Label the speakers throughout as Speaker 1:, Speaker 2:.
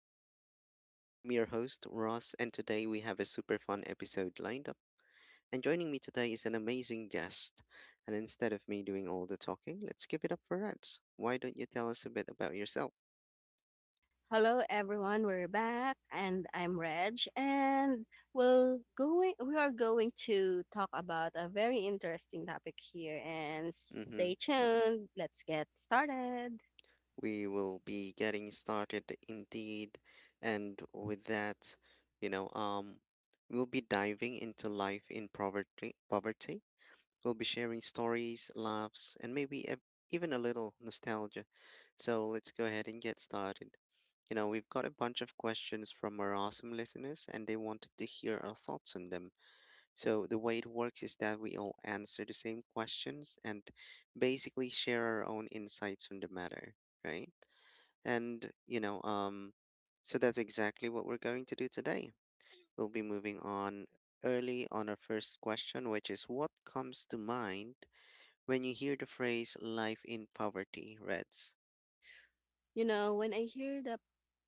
Speaker 1: banter. I'm your host, Ross, and today we have a super fun episode lined up. And joining me today is an amazing guest. And instead of me doing all the talking, let's give it up for Reds. Why don't you tell us a bit about yourself?
Speaker 2: Hello everyone, we're back and I'm Reg and we are going to talk about a very interesting topic here and
Speaker 1: Mm hmm.
Speaker 2: stay tuned. Let's get started.
Speaker 1: We will be getting started indeed. And with that, you know, um, we'll be diving into life in poverty. Poverty. We'll be sharing stories, laughs, and maybe ev even a little nostalgia. So let's go ahead and get started. We've got a bunch of questions from our awesome listeners, and they wanted to hear our thoughts on them. So the way it works is that we all answer the same questions and basically share our own insights on the matter, right? And, so that's exactly what we're going to do today. We'll be moving on early on our first question, which is what comes to mind when you hear the phrase life in poverty, Reds?
Speaker 2: You know, when I hear the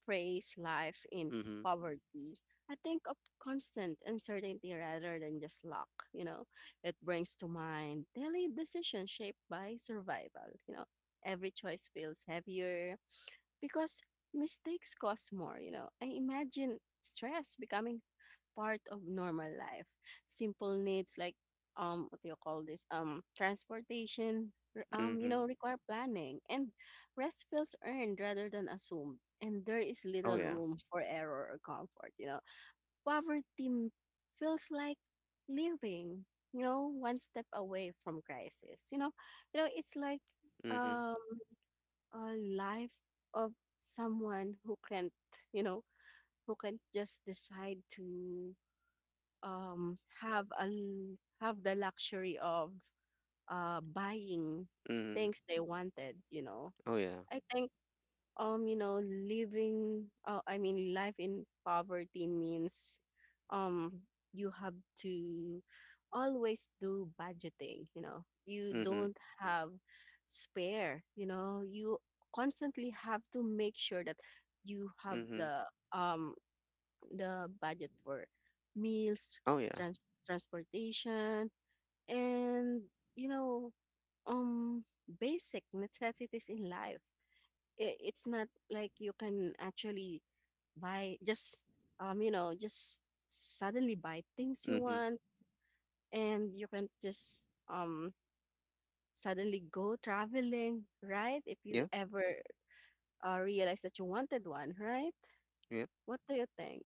Speaker 2: phrase life in
Speaker 1: Mm-hmm.
Speaker 2: poverty, I think of constant uncertainty rather than just luck, you know. It brings to mind daily decisions shaped by survival, you know. Every choice feels heavier because mistakes cost more, you know. I imagine stress becoming part of normal life. Simple needs like what do you call this? Transportation, you
Speaker 1: Mm-hmm.
Speaker 2: know, require planning and rest feels earned rather than assumed. And there is
Speaker 1: Oh
Speaker 2: little
Speaker 1: yeah.
Speaker 2: room for error or comfort, you know. Poverty m- Feels like living, you know, one step away from crisis. You know, it's like
Speaker 1: Mm-hmm.
Speaker 2: um a life of someone who can't, you know, who can't just decide to have have the luxury of buying
Speaker 1: Mm-hmm.
Speaker 2: things they wanted. You know,
Speaker 1: Oh yeah.
Speaker 2: I think you know living life in poverty means um you have to always do budgeting, you know. You
Speaker 1: Mm-hmm.
Speaker 2: don't have spare, you know. You constantly have to make sure that you have
Speaker 1: Mm-hmm.
Speaker 2: um the budget for meals,
Speaker 1: Oh yeah.
Speaker 2: transportation, and you know, um basic necessities in life. It's not like you can actually buy just you know just suddenly buy things you
Speaker 1: Mm-hmm.
Speaker 2: want, and you can just suddenly go traveling, right, if you
Speaker 1: Yeah.
Speaker 2: ever realize that you wanted one, right?
Speaker 1: Yeah.
Speaker 2: What do you think?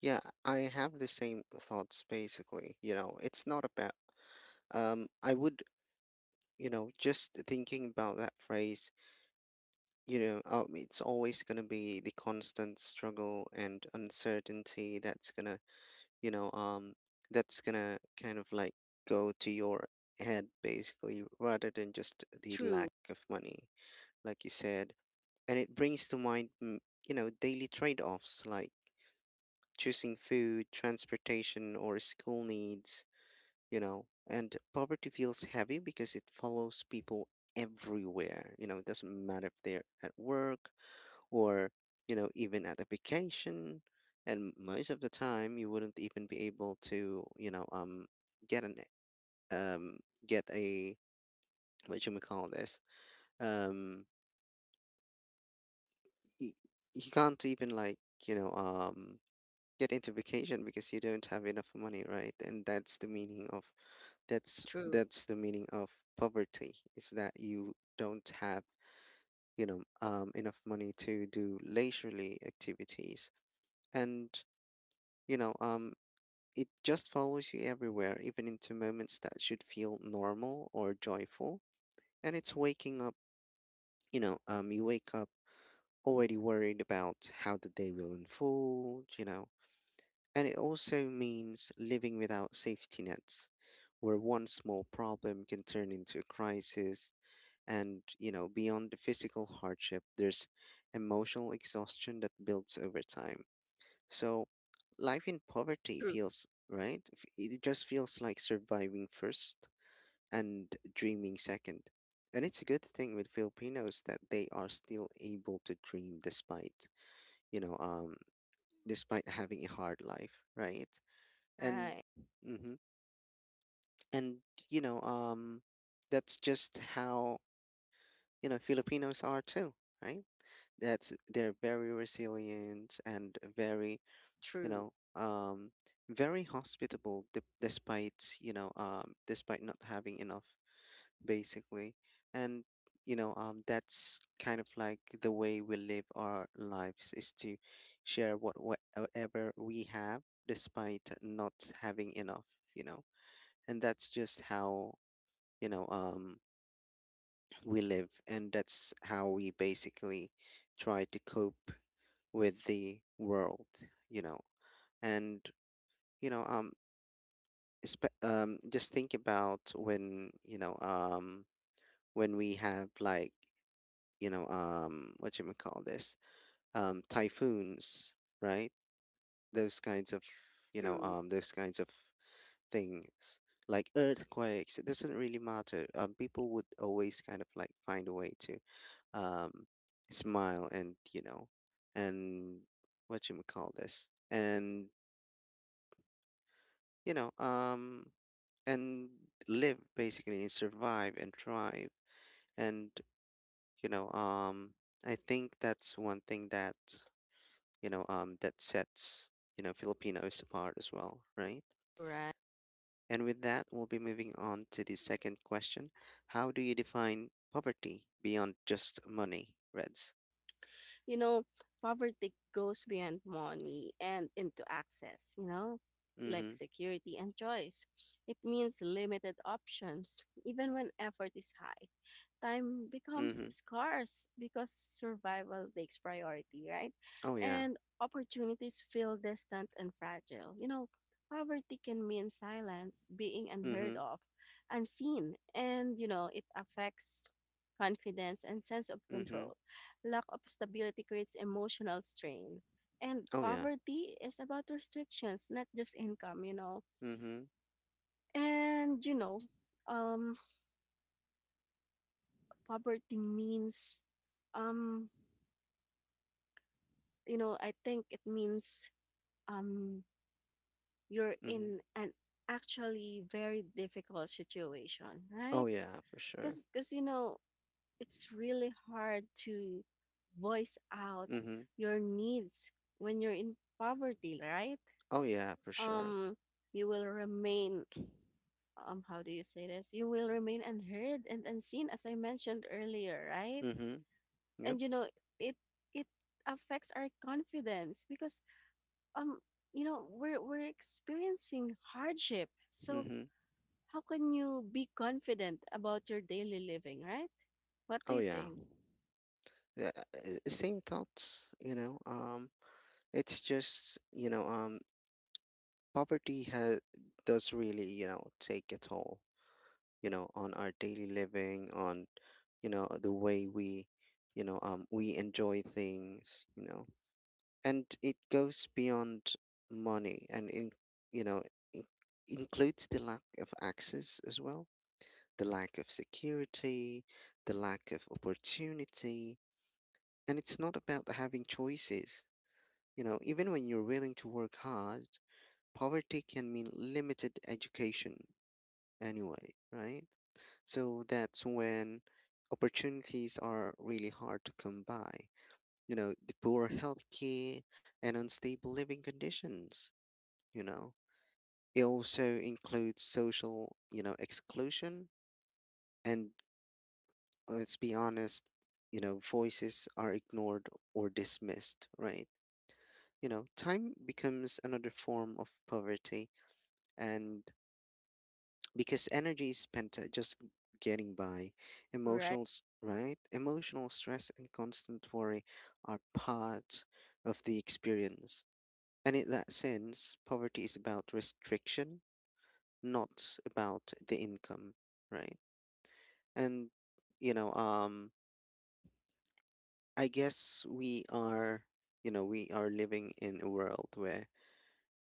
Speaker 1: Yeah. I have the same thoughts basically. It's not about, I would, just thinking about that phrase. It's always going to be the constant struggle and uncertainty that's going to, you know, um, kind of like go to your head basically, rather than just the
Speaker 2: True.
Speaker 1: lack of money, like you said. And it brings to mind, daily trade offs like choosing food, transportation, or school needs, and poverty feels heavy because it follows people everywhere. It doesn't matter if they're at work or even at a vacation, and most of the time you wouldn't even be able to get an um get a, what you may call this, um you, you can't even, like, you know um get into vacation because you don't have enough money, right? And that's the meaning of,
Speaker 2: True.
Speaker 1: that's the meaning of poverty, is that you don't have, enough money to do leisurely activities. And you know um it just follows you everywhere, even into moments that should feel normal or joyful. And it's waking up, you wake up already worried about how the day will unfold, you know. And it also means living without safety nets, where one small problem can turn into a crisis. And, beyond the physical hardship, there's emotional exhaustion that builds over time. So life in poverty
Speaker 2: True.
Speaker 1: feels right. It just feels like surviving first and dreaming second. And it's a good thing with Filipinos that they are still able to dream despite, you know, um, despite having a hard life, right? And,
Speaker 2: Right.
Speaker 1: hmm and, you know, um, that's just how, Filipinos are too, right? That's, they're very resilient and very, you
Speaker 2: True.
Speaker 1: know um very hospitable, despite, despite not having enough, basically. And that's kind of like the way we live our lives, is to share whatever we have despite not having enough, you know. And that's just how, you know um we live, and that's how we basically try to cope with the world, you know. And you know um just think about when, when we have like, what you call this, typhoons, right? Those kinds of,
Speaker 2: True.
Speaker 1: those kinds of things, like earthquakes, it doesn't really matter. People would always kind of like find a way to, um smile and, you know, and, what you call this, and, you know um and live, basically, and survive and thrive. And you know um I think that's one thing that, that sets, Filipinos apart as well, right?
Speaker 2: Right.
Speaker 1: And with that, we'll be moving on to the second question. How do you define poverty beyond just money, Reds?
Speaker 2: You know, poverty goes beyond money and into access, you know, like
Speaker 1: Mhm.
Speaker 2: security and choice. It means limited options, even when effort is high. Time becomes
Speaker 1: Mhm.
Speaker 2: scarce because survival takes priority, right?
Speaker 1: Oh yeah.
Speaker 2: And opportunities feel distant and fragile. You know, poverty can mean silence, being unheard
Speaker 1: Mhm.
Speaker 2: of, unseen, and you know, it affects confidence and sense of
Speaker 1: Mhm.
Speaker 2: control. Lack of stability creates emotional strain. And
Speaker 1: Oh yeah.
Speaker 2: poverty is about restrictions, not just income, you know.
Speaker 1: Mhm.
Speaker 2: And, you know, um, poverty means, um, you know, I think it means um, you're
Speaker 1: Mhm.
Speaker 2: in an actually very difficult situation, right?
Speaker 1: Oh yeah for sure.
Speaker 2: Because you know, it's really hard to voice out
Speaker 1: Mhm.
Speaker 2: your needs when you're in poverty, right?
Speaker 1: Oh yeah for sure.
Speaker 2: um you will remain how do you say this you will remain unheard and unseen as I mentioned earlier, right?
Speaker 1: Mhm. Yep.
Speaker 2: And you know, it it affects our confidence because um you know we're experiencing hardship, so
Speaker 1: Mhm.
Speaker 2: how can you be confident about your daily living, right? What do
Speaker 1: Oh
Speaker 2: you
Speaker 1: yeah.
Speaker 2: think?
Speaker 1: Yeah. Same thoughts, it's just, poverty has, does really, you know, take a toll, you know, on our daily living, on, the way we, we enjoy things, you know. And it goes beyond money, and in, you know, in, includes the lack of access as well, the lack of security, the lack of opportunity, and it's not about having choices. You know, even when you're willing to work hard, poverty can mean limited education anyway, right? So that's when opportunities are really hard to come by. You know, the poor healthcare and unstable living conditions, you know. It also includes social, exclusion, and, let's be honest, you know, voices are ignored or dismissed, right? You know, time becomes another form of poverty, and because energy is spent, just getting by.
Speaker 2: Right.
Speaker 1: Emotionals, right? Emotional stress and constant worry are part of the experience. And in that sense, poverty is about restriction, not about the income, right? And you know, um, I guess we are, we are living in a world where,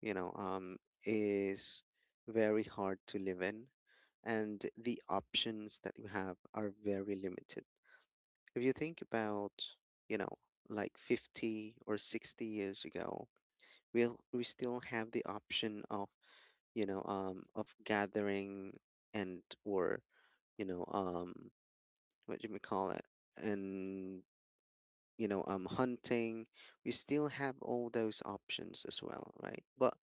Speaker 1: you know, um, is very hard to live in, and the options that you have are very limited. If you think about, you know, like 50 or 60 years ago, we still have the option of, of gathering, and or, you know, um, what do we call it? And hunting. We still have all those options as well, right? But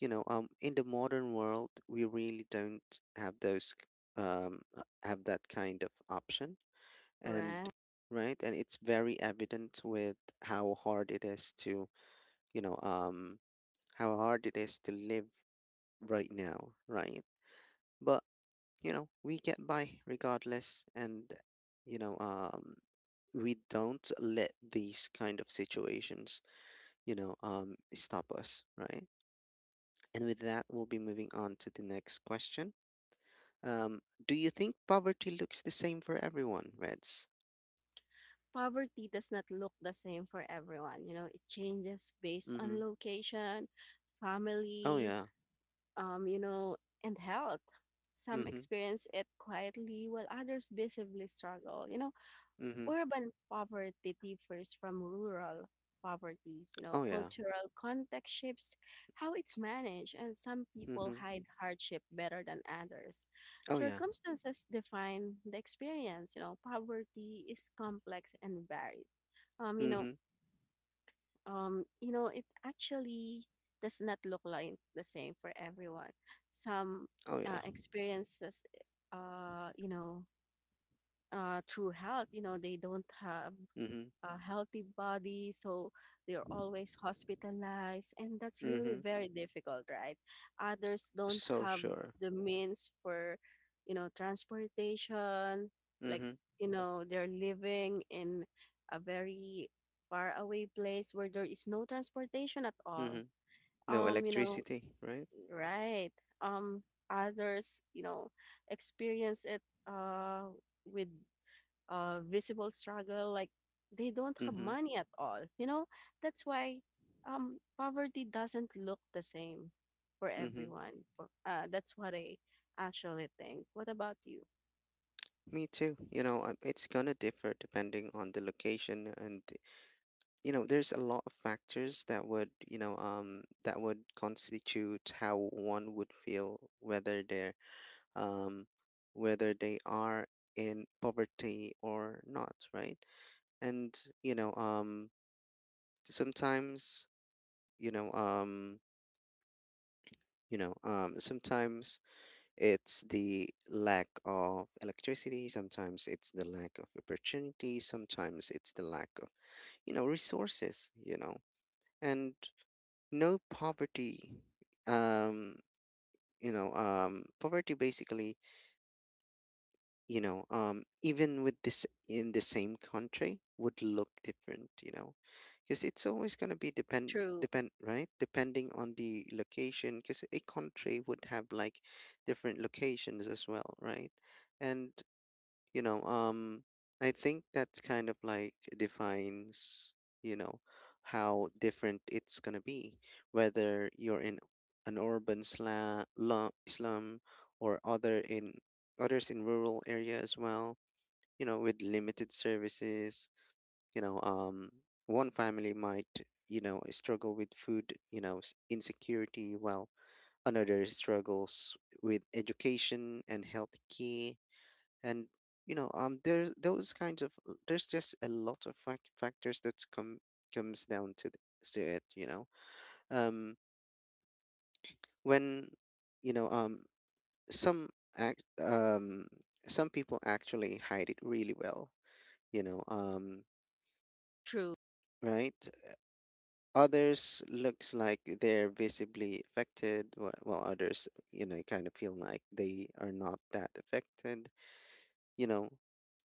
Speaker 1: in the modern world we really don't have those, have that kind of option. And
Speaker 2: Right.
Speaker 1: right, and it's very evident with how hard it is to, you know um how hard it is to live right now, right? But you know, we get by regardless. And you know um we don't let these kind of situations, stop us, right? And with that, we'll be moving on to the next question. Do you think poverty looks the same for everyone, Reds?
Speaker 2: Poverty does not look the same for everyone, you know. It changes based
Speaker 1: Mm-hmm.
Speaker 2: on location,
Speaker 1: Oh
Speaker 2: family,
Speaker 1: yeah.
Speaker 2: you know, and health. Some
Speaker 1: Mm-hmm.
Speaker 2: experience it quietly while others visibly struggle. You know,
Speaker 1: Mm-hmm.
Speaker 2: urban poverty differs from rural poverty. You know,
Speaker 1: Oh yeah.
Speaker 2: cultural context shapes how it's managed, and some people
Speaker 1: Mm-hmm.
Speaker 2: hide hardship better than others.
Speaker 1: Oh yeah.
Speaker 2: Circumstances define the experience. You know, poverty is complex and varied. Um, you know,
Speaker 1: Mm-hmm.
Speaker 2: you know, it actually does not look like the same for everyone. Some
Speaker 1: Oh yeah.
Speaker 2: experiences, uh, you know, through health, you know, they don't have
Speaker 1: Mm-hmm.
Speaker 2: a healthy body, so they're always hospitalized, and that's really
Speaker 1: Mm-hmm.
Speaker 2: very difficult, right? Others don't
Speaker 1: So
Speaker 2: have
Speaker 1: sure.
Speaker 2: the means for, you know, transportation. Like,
Speaker 1: Mm-hmm.
Speaker 2: you know, they're living in a very far away place where there is no transportation at all.
Speaker 1: Mm-hmm. No
Speaker 2: um you know
Speaker 1: electricity, right?
Speaker 2: right. um Others, you know, experience it uh with visible struggle, like they don't have
Speaker 1: Mm-hmm.
Speaker 2: money at all, you know. That's why, poverty doesn't look the same for
Speaker 1: Mm-hmm.
Speaker 2: everyone. For, that's what I actually think. What about you?
Speaker 1: Me too. It's gonna differ depending on the location. And there's a lot of factors that would, that would constitute how one would feel whether they're, um, whether they are in poverty or not, right? And sometimes, you know, um, sometimes it's the lack of electricity, sometimes it's the lack of opportunity, sometimes it's the lack of, resources, you know. And no poverty, um, poverty basically, even with this in the same country would look different, you know, because it's always going to be
Speaker 2: True.
Speaker 1: depend, right, depending on the location, because a country would have like different locations as well, right. And you know um I think that's kind of like defines, you know how different it's going to be whether you're in an urban slum, or other in others in rural area as well, you know, with limited services. you know um One family might, you know, struggle with food, insecurity, while another struggles with education and health. And there, those kinds of, there's just a lot of factors that comes down to to it, you know. um when, you know um some, act some people actually hide it really well, you know um
Speaker 2: True.
Speaker 1: right. Others looks like they're visibly affected, while others, you know, kind of feel like they are not that affected, you know.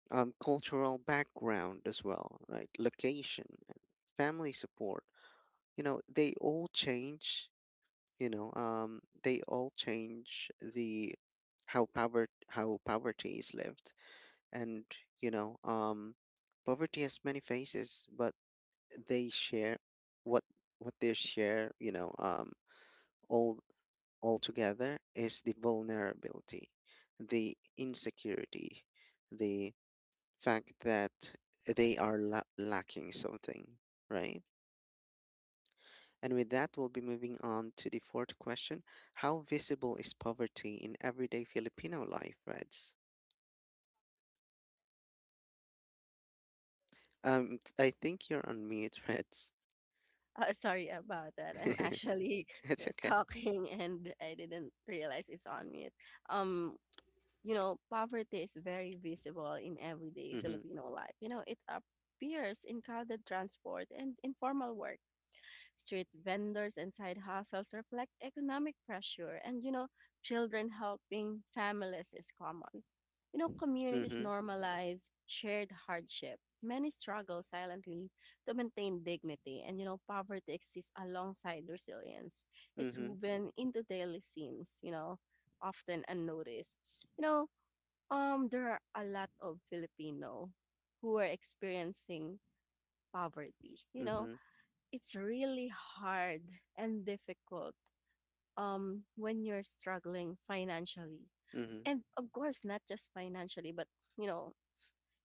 Speaker 1: Cultural background as well, right? Location and family support, you know. They all change. They all change the how power how poverty is lived. And you know, um, poverty has many faces, but they share what what they share. All all together, is the vulnerability, the insecurity, the fact that they are, lacking something, right? And with that, we'll be moving on to the fourth question. How visible is poverty in everyday Filipino life, Reds? I think you're on mute, Reds.
Speaker 2: Sorry about that. I'm actually
Speaker 1: It's okay.
Speaker 2: talking and I didn't realize it's on mute. um you know, poverty is very visible in everyday
Speaker 1: Mm-hmm.
Speaker 2: Filipino life. You know, it appears in crowded transport and informal work. Street vendors and side hustles reflect economic pressure, and you know, children helping families is common. You know, communities
Speaker 1: Mm-hmm.
Speaker 2: normalize shared hardship. Many struggle silently to maintain dignity, and you know, poverty exists alongside resilience. It's
Speaker 1: Mm-hmm.
Speaker 2: woven into daily scenes, you know, often unnoticed. You know, there are a lot of Filipino who are experiencing poverty. You know,
Speaker 1: Mm-hmm.
Speaker 2: it's really hard and difficult when you're struggling financially,
Speaker 1: Mm-hmm.
Speaker 2: and of course not just financially but you know,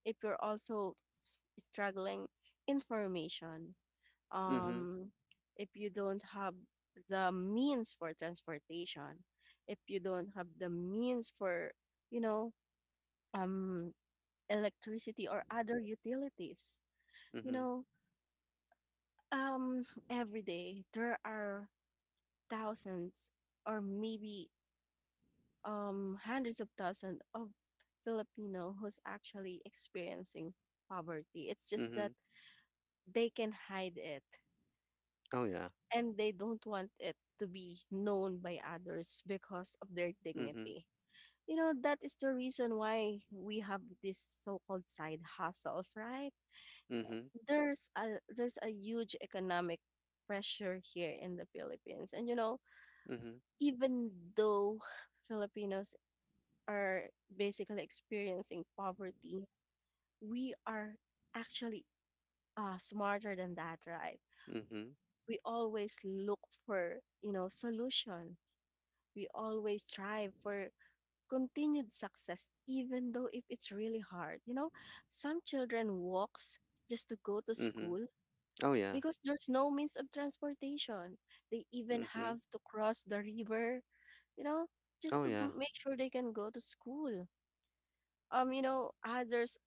Speaker 2: if you're also struggling information,
Speaker 1: Mm-hmm.
Speaker 2: um if you don't have the means for transportation, if you don't have the means for, you know, um electricity or other utilities, you
Speaker 1: Mm-hmm.
Speaker 2: know. um every day there are thousands, or maybe hundreds of thousands of Filipino who's actually experiencing poverty. It's just
Speaker 1: Mm-hmm.
Speaker 2: that they can hide it,
Speaker 1: Oh yeah.
Speaker 2: and they don't want it to be known by others because of their
Speaker 1: Mm-hmm.
Speaker 2: dignity. You know, that is the reason why we have these so-called side hustles, right?
Speaker 1: Mm-hmm.
Speaker 2: There's a huge economic pressure here in the Philippines. And you know,
Speaker 1: Mm-hmm.
Speaker 2: even though Filipinos are basically experiencing poverty, we are actually smarter than that, right?
Speaker 1: Mm-hmm.
Speaker 2: We always look for, you know, solution. We always strive for continued success, even though if it's really hard. You know, some children walks just to go to
Speaker 1: Mm-hmm.
Speaker 2: school
Speaker 1: Oh yeah.
Speaker 2: because there's no means of transportation. They even
Speaker 1: Mm-hmm.
Speaker 2: have to cross the river, you know, just
Speaker 1: Oh
Speaker 2: to
Speaker 1: yeah.
Speaker 2: make sure they can go to school. You know, others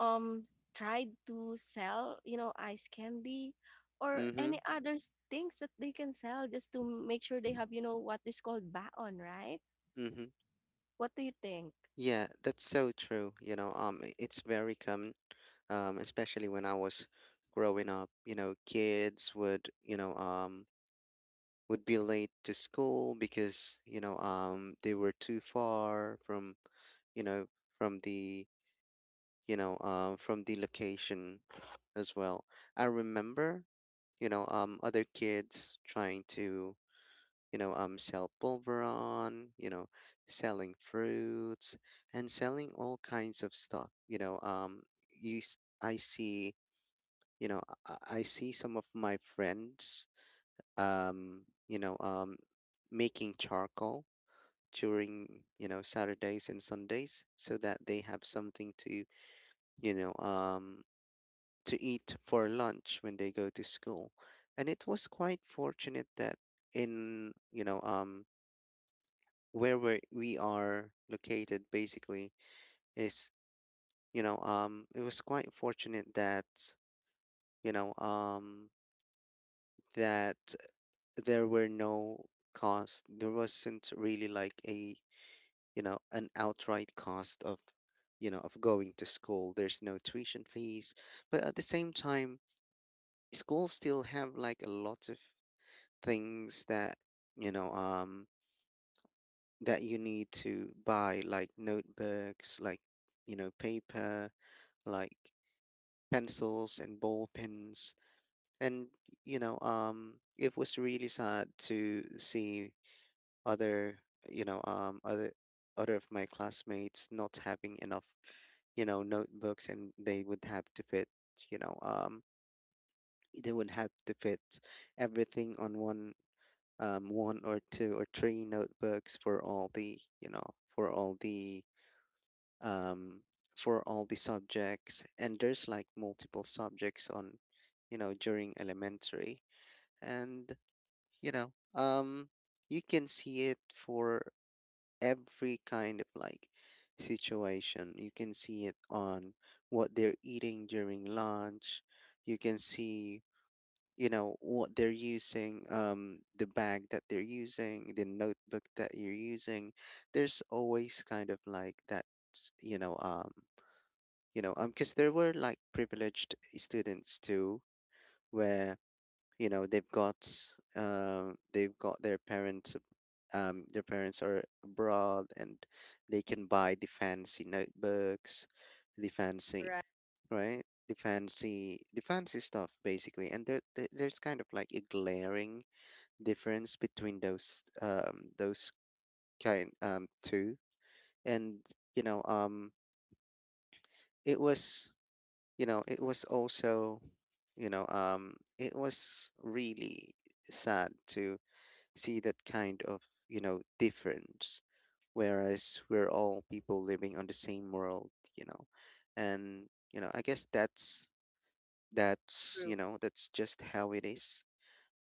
Speaker 2: um tried to sell, you know, ice candy or
Speaker 1: Mm-hmm.
Speaker 2: any other things that they can sell just to make sure they have, you know, what is called baon, right?
Speaker 1: Mm-hmm.
Speaker 2: What do you think?
Speaker 1: Yeah, that's so true. It's very common, especially when I was growing up. Kids would, would be late to school because, they were too far from, you know, from the, from the location as well. I remember, other kids trying to sell pulveron, selling fruits and selling all kinds of stuff. I see, you know, I see some of my friends, um, you know, um, making charcoal during, Saturdays and Sundays so that they have something to, you know, um, to eat for lunch when they go to school. And it was quite fortunate that in, you know, um, where we are located basically is you know It was quite fortunate that you know um that there were no cost there wasn't really like a, an outright cost of, of going to school. There's no tuition fees, but at the same time schools still have like a lot of things that, you know um that you need to buy, like notebooks, like, paper, like pencils and ball pens. And it was really sad to see other, you know, other other of my classmates not having enough, notebooks, and they would have to fit, you know, um, they would have to fit everything on one, one or two or three notebooks for all the, for all the um, for all the subjects. And there's like multiple subjects on, during elementary. And you know um you can see it for every kind of like situation. You can see it on what they're eating during lunch. You can see, what they're using, um, the bag that they're using, the notebook that you're using. There's always kind of like that, you know um because there were like privileged students too, where, you know they've got they've got their parents are abroad and they can buy the fancy notebooks, the fancy
Speaker 2: Right.
Speaker 1: right, the fancy stuff basically. And there there's kind of like a glaring difference between those kind two, and you know um it was, it was also, it was really sad to see that kind of, difference, whereas we're all people living on the same world, you know. And you know, I guess that's
Speaker 2: True.
Speaker 1: you know that's just how it is.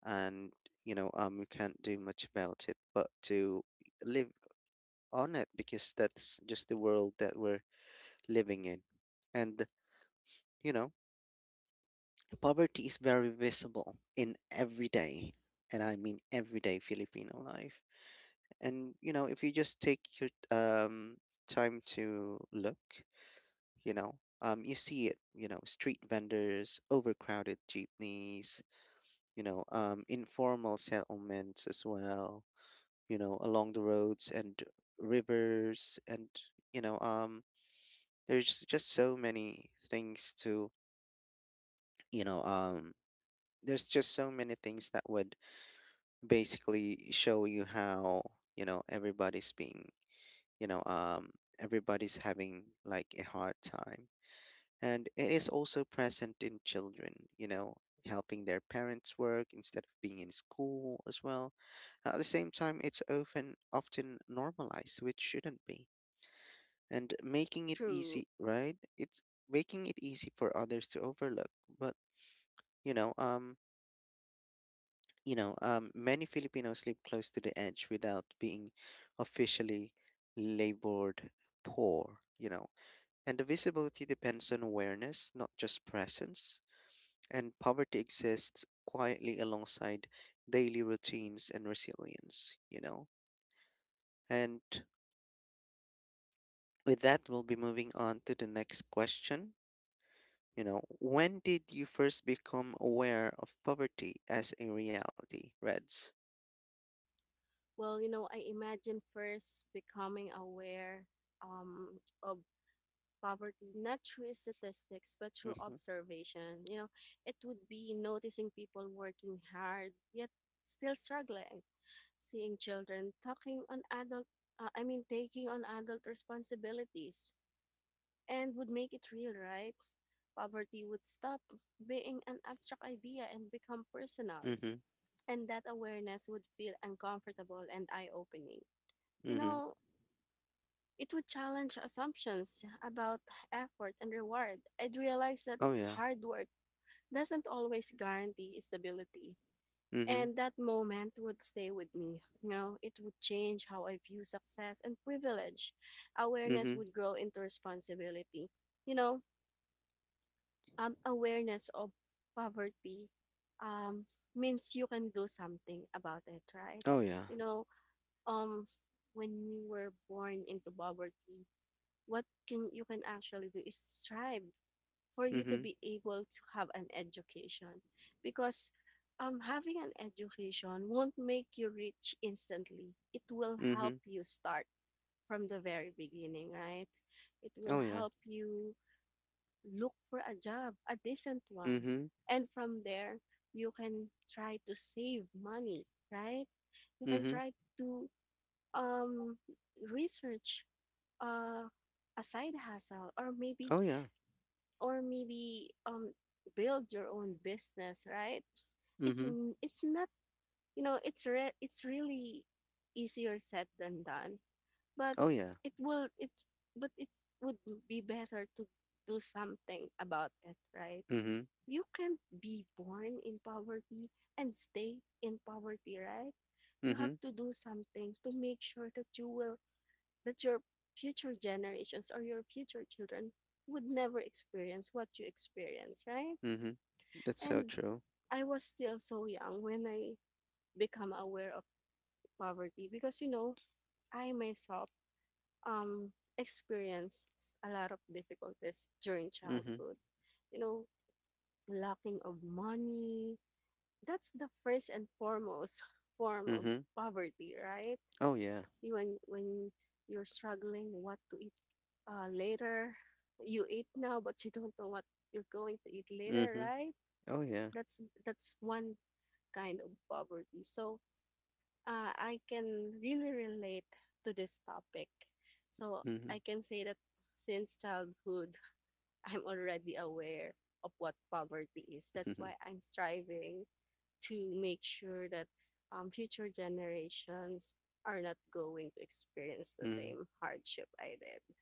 Speaker 1: And we can't do much about it but to live on it, because that's just the world that we're living in. And you know, poverty is very visible in everyday, and I mean everyday Filipino life. And you know, if you just take your time to look, you see it. You know, street vendors, overcrowded jeepneys. Informal settlements as well. You know, along the roads and rivers, and you know, um, there's just so many things to you know there's just so many things that would basically show you how, everybody's being, you know um everybody's having like a hard time. And it is also present in children, you know, helping their parents work instead of being in school as well. At the same time, it's often normalized, which shouldn't be, and making it
Speaker 2: True.
Speaker 1: easy right it's making it easy for others to overlook. But you know um many Filipinos live close to the edge without being officially labored poor, you know. And the visibility depends on awareness, not just presence. And poverty exists quietly alongside daily routines and resilience, you know. And with that, we'll be moving on to the next question. You know, when did you first become aware of poverty as a reality, Reds?
Speaker 2: Well, you know, I imagine first becoming aware um, of poverty, not through statistics, but through
Speaker 1: Mm-hmm.
Speaker 2: observation. You know, it would be noticing people working hard yet still struggling, seeing children talking on adult I mean taking on adult responsibilities, and would make it real, right? Poverty would stop being an abstract idea and become personal,
Speaker 1: Mm-hmm.
Speaker 2: and that awareness would feel uncomfortable and eye-opening, you
Speaker 1: Mm-hmm.
Speaker 2: know. It would challenge assumptions about effort and reward. I'd realize that
Speaker 1: Oh, yeah.
Speaker 2: hard work doesn't always guarantee stability.
Speaker 1: Mm-hmm.
Speaker 2: And that moment would stay with me. You know, it would change how I view success and privilege. Awareness
Speaker 1: Mhm.
Speaker 2: would grow into responsibility. You know, awareness of poverty um, means you can do something about it, right?
Speaker 1: Oh yeah.
Speaker 2: You know, um, when you were born into poverty, what can you can actually do is strive for you to
Speaker 1: Mhm.
Speaker 2: be able to have an education, because having an education won't make you rich instantly. It will help
Speaker 1: Mhm.
Speaker 2: you start from the very beginning, right? It will
Speaker 1: Oh yeah.
Speaker 2: help you look for a job, a decent one.
Speaker 1: Mhm.
Speaker 2: And from there, you can try to save money, right? You can
Speaker 1: Mhm.
Speaker 2: try to um, research uh, a side hustle, or maybe
Speaker 1: Oh yeah.
Speaker 2: or maybe um build your own business, right? It's
Speaker 1: Mhm.
Speaker 2: it's not you know it's re- it's really easier said than done, but
Speaker 1: Oh yeah.
Speaker 2: it will it but it would be better to do something about it, right?
Speaker 1: Mhm.
Speaker 2: You can't be born in poverty and stay in poverty, right? You have
Speaker 1: Mhm.
Speaker 2: to do something to make sure that you will that your future generations or your future children would never experience what you experience, right?
Speaker 1: Mhm. That's so
Speaker 2: And
Speaker 1: true.
Speaker 2: I was still so young when I become aware of poverty, because you know, I myself um experienced a lot of difficulties during
Speaker 1: Mhm.
Speaker 2: childhood. You know, lacking of money. That's the first and foremost form of
Speaker 1: Mhm.
Speaker 2: poverty, right?
Speaker 1: Oh yeah.
Speaker 2: When you're struggling what to eat later, you eat now but you don't know what you're going to eat later,
Speaker 1: Mhm.
Speaker 2: right?
Speaker 1: Oh yeah.
Speaker 2: That's that's one kind of poverty. So I can really relate to this topic. So
Speaker 1: Mhm.
Speaker 2: I can say that since childhood, I'm already aware of what poverty is. That's
Speaker 1: Mhm.
Speaker 2: why I'm striving to make sure that future generations are not going to experience the
Speaker 1: Mhm.
Speaker 2: same hardship I did.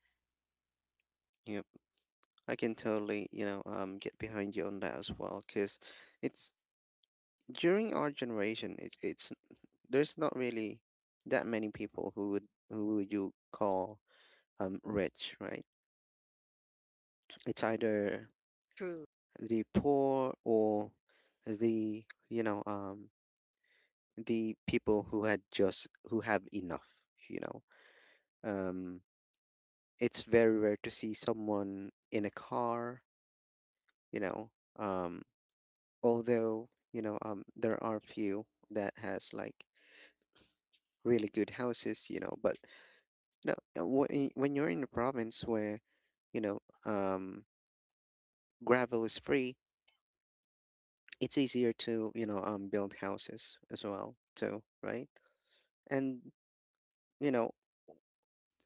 Speaker 1: Yep. I can totally, get behind you on that as well, cause it's during our generation, it's there's not really that many people who would you call rich, right? It's either
Speaker 2: True.
Speaker 1: the poor or the you know the people who had just who have enough, you know um it's very rare to see someone in a car, you know um although there are few that has like really good houses, you know. But you know, when you're in a province where, you know um gravel is free, it's easier to, build houses as well too, right? And you know,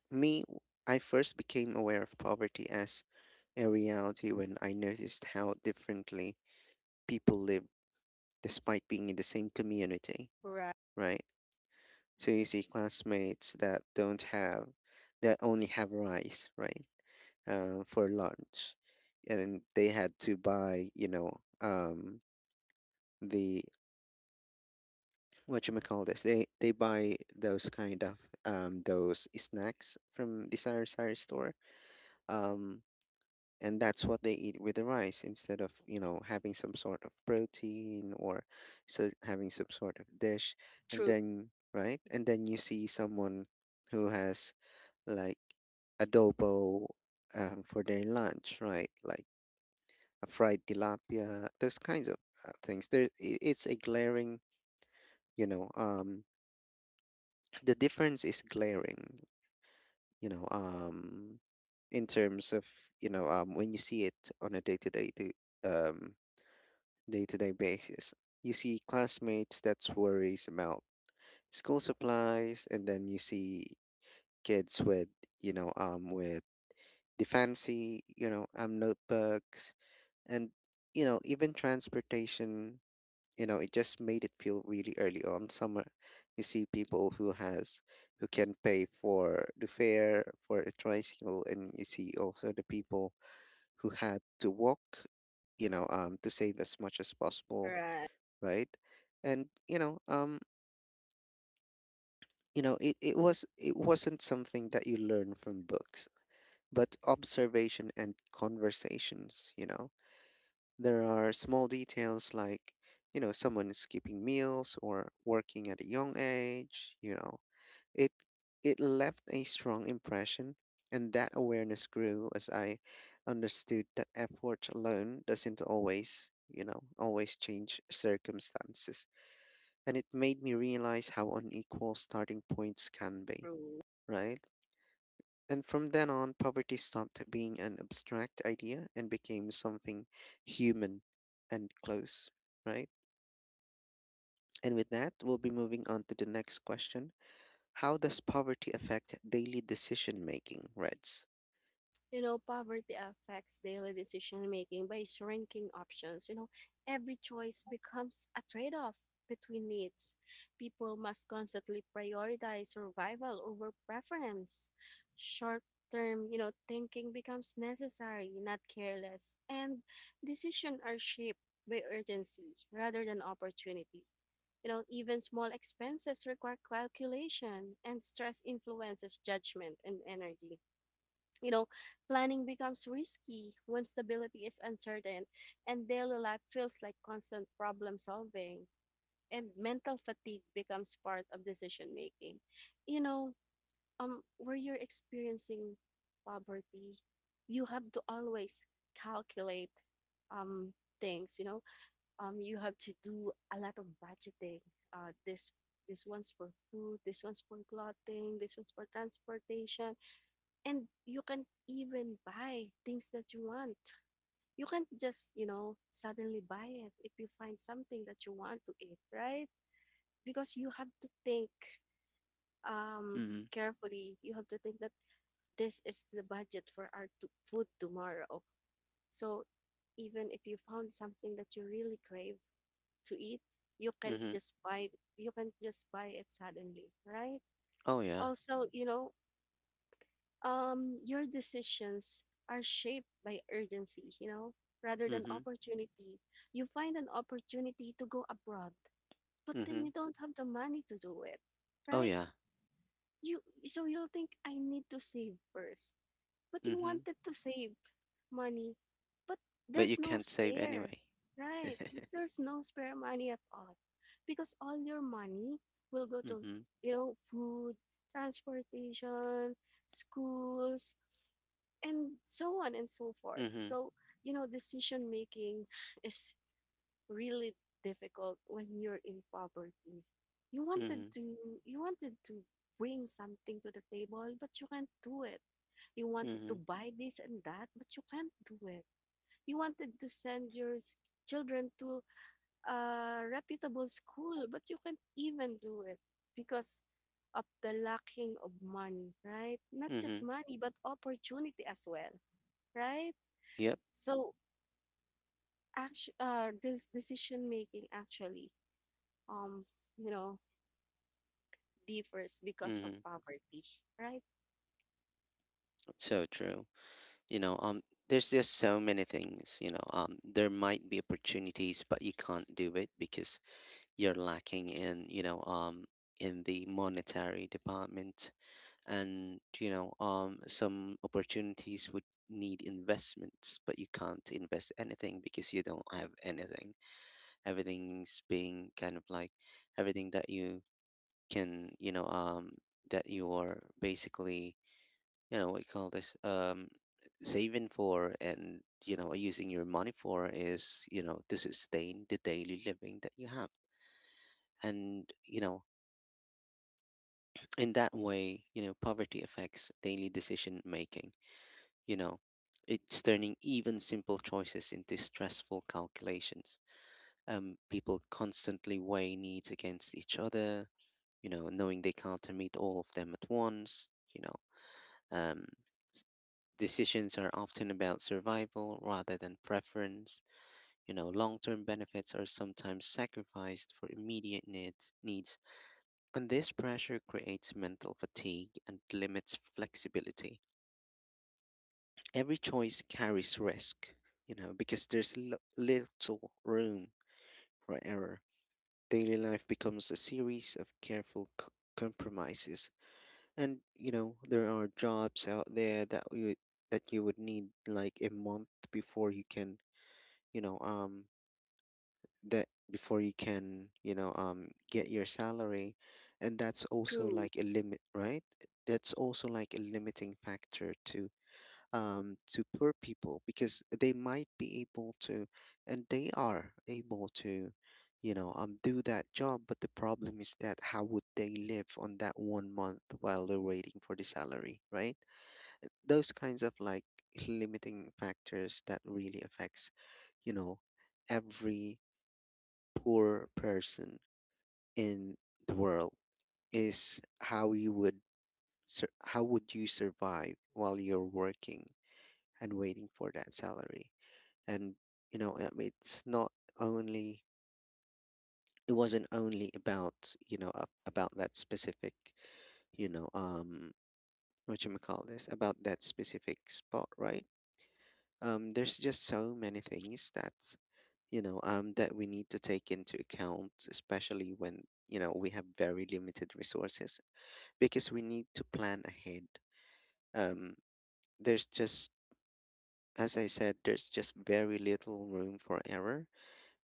Speaker 1: me, I first became aware of poverty as a reality when I noticed how differently people live despite being in the same community,
Speaker 2: Right.
Speaker 1: right? So you see classmates that don't have, that only have rice, right, for lunch, and they had to buy, the what you call this? They buy those kind of those snacks from the sari sari store. Um, and that's what they eat with the rice instead of, you know, having some sort of protein, or so having some sort of dish. And
Speaker 2: True.
Speaker 1: then right, and then you see someone who has like adobo for their lunch, right, like a fried tilapia, those kinds of things there. It's a glaring, you know um the difference is glaring, you know um in terms of, when you see it on a to um day to day basis. You see classmates that's worries about school supplies, and then you see kids with, with the fancy, notebooks, and you know, even transportation. You know, it just made it feel really early on. Summer, you see people who has who can pay for the fare for a tricycle, and you see also the people who had to walk. To save as much as possible,
Speaker 2: Right.
Speaker 1: right? And you know, it wasn't something that you learn from books, but observation and conversations, you know. There are small details like, you know, someone skipping meals or working at a young age, you know. It it left a strong impression, and that awareness grew as I understood that effort alone doesn't always, you know, always change circumstances. And it made me realize how unequal starting points can be,
Speaker 2: True.
Speaker 1: right? And from then on, poverty stopped being an abstract idea and became something human and close, right? And with that, we'll be moving on to the next question. How does poverty affect daily decision making, Reds?
Speaker 2: You know, poverty affects daily decision making by shrinking options. You know, every choice becomes a trade off between needs. People must constantly prioritize survival over preference. Short term, you know, thinking becomes necessary, not careless. And decisions are shaped by urgency rather than opportunity. You know, even small expenses require calculation, and stress influences judgment and energy, you know. Planning becomes risky when stability is uncertain, and daily life feels like constant problem solving, and mental fatigue becomes part of decision making. You know, where you're experiencing poverty, you have to always calculate um things, you know. Um, you have to do a lot of budgeting. This this one's for food, this one's for clothing, this one's for transportation, and you can even buy things that you want. You can't just, you know, suddenly buy it if you find something that you want to eat, right? Because you have to think um,
Speaker 1: Mm-hmm.
Speaker 2: carefully. You have to think that this is the budget for our food tomorrow. So even if you found something that you really crave to eat, you can't
Speaker 1: Mm-hmm.
Speaker 2: just buy you can't just buy it suddenly, right?
Speaker 1: Oh yeah.
Speaker 2: Also, your decisions are shaped by urgency, rather than
Speaker 1: Mm-hmm.
Speaker 2: opportunity. You find an opportunity to go abroad, but then
Speaker 1: Mm-hmm.
Speaker 2: you don't have the money to do it,
Speaker 1: Oh
Speaker 2: right?
Speaker 1: yeah.
Speaker 2: You so you'll think I need to save first, but you
Speaker 1: Mm-hmm.
Speaker 2: wanted to save money, but
Speaker 1: But
Speaker 2: there's
Speaker 1: you
Speaker 2: no
Speaker 1: can't save
Speaker 2: spare,
Speaker 1: anyway.
Speaker 2: right? There's no spare money at all, because all your money will go to
Speaker 1: Mm-hmm.
Speaker 2: food, transportation, schools, and so on and so forth.
Speaker 1: Mm-hmm.
Speaker 2: So, decision making is really difficult when you're in poverty. You wanted
Speaker 1: Mm-hmm.
Speaker 2: to you wanted to bring something to the table, but you can't do it. You wanted to
Speaker 1: Mm-hmm.
Speaker 2: buy this and that, but you can't do it. You wanted to send your s- children to a reputable school, but you can't even do it because of the lacking of money, right? Not just
Speaker 1: Mm-hmm.
Speaker 2: money, but opportunity as well, right?
Speaker 1: Yep.
Speaker 2: So, actu this decision making actually, um, you know, differs because of
Speaker 1: Mm-hmm.
Speaker 2: poverty, right?
Speaker 1: So true. you know um there's just so many things, there might be opportunities but you can't do it because you're lacking in, in the monetary department. And some opportunities would need investments, but you can't invest anything because you don't have anything. Everything's being kind of like everything that you can, that you're basically, what you call this saving for, and you know using your money for is, you know, to sustain the daily living that you have. And you know, in that way, you know, poverty affects daily decision making, you know, it's turning even simple choices into stressful calculations. Um, people constantly weigh needs against each other, you know, knowing they can't meet all of them at once, you know. Um, decisions are often about survival rather than preference. You know, long term benefits are sometimes sacrificed for immediate needs, and this pressure creates mental fatigue and limits flexibility. Every choice carries risk, you know, because there's little room for error. Daily life becomes a series of careful compromises. And, you know, there are jobs out there that you would need like a month before you can you know that before you can, get your salary. And that's also
Speaker 2: True,
Speaker 1: like a limit, right? That's also like a limiting factor to, to poor people, because they might be able to and they are able to, do that job, but the problem is that how would they live on that one month while they're waiting for the salary, right? Those kinds of like limiting factors that really affects, you know every poor person in the world, is how you would how would you survive while you're working and waiting for that salary. And it's not only, it wasn't only about that specific, you know what you call this about that specific spot, right? There's just so many things that, that we need to take into account, especially when, we have very limited resources, because we need to plan ahead. um, there's just, as I said, there's just very little room for error,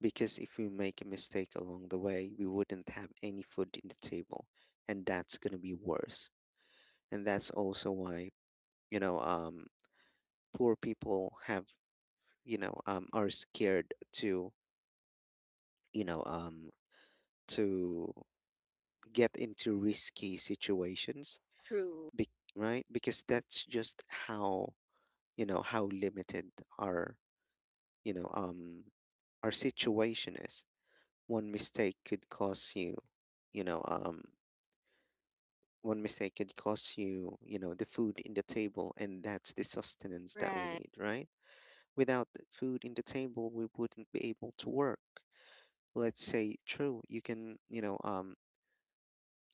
Speaker 1: because if we make a mistake along the way we wouldn't have any food in the table, and that's going to be worse. And that's also why, you know um, poor people have, are scared to, you know um, to get into risky situations,
Speaker 2: true,
Speaker 1: be- right? Because that's just how, how limited our, you know, um our situation is. One mistake could cost you, you know, um one mistake could cost you, the food in the table, and that's the sustenance that we
Speaker 2: right.
Speaker 1: need, right? Without the food in the table, we wouldn't be able to work. Let's say true, you can,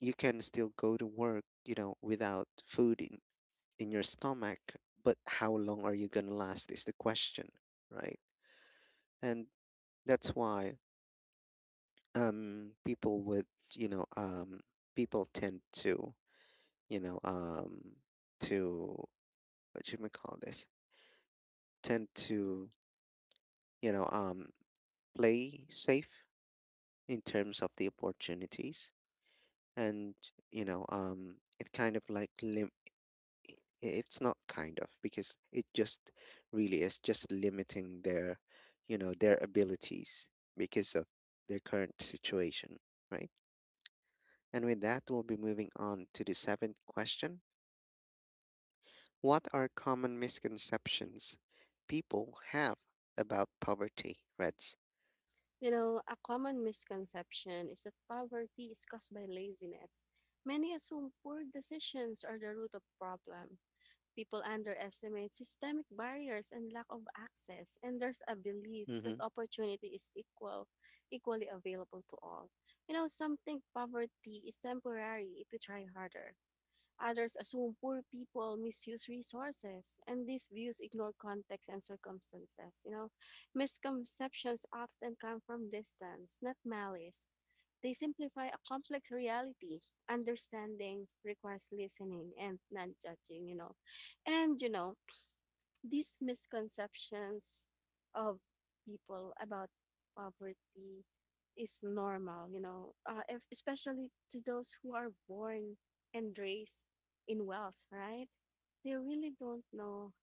Speaker 1: you can still go to work, without food in your stomach, but how long are you going to last is the question, right? And that's why, people with, you know, um people tend to, you know, um to what should we call this? Tend to, you know, um play safe in terms of the opportunities. And, it kind of like lim- I- it's not kind of because it just really is just limiting their, their abilities, because of their current situation, right? And with that, we'll be moving on to the seventh question. What are common misconceptions people have about poverty, Reds?
Speaker 2: You know, a common misconception is that poverty is caused by laziness. Many assume poor decisions are the root of problem. People underestimate systemic barriers and lack of access, and there's a belief that
Speaker 1: Mhm.
Speaker 2: opportunity is equal, equally available to all. You know, some think poverty is temporary if you try harder. Others assume poor people misuse resources, and these views ignore context and circumstances. You know, misconceptions often come from distance, not malice. They simplify a complex reality. Understanding requires listening and non judging, you know. And, you know, these misconceptions of people about poverty is normal, especially to those who are born and raised in wealth, right? They really don't know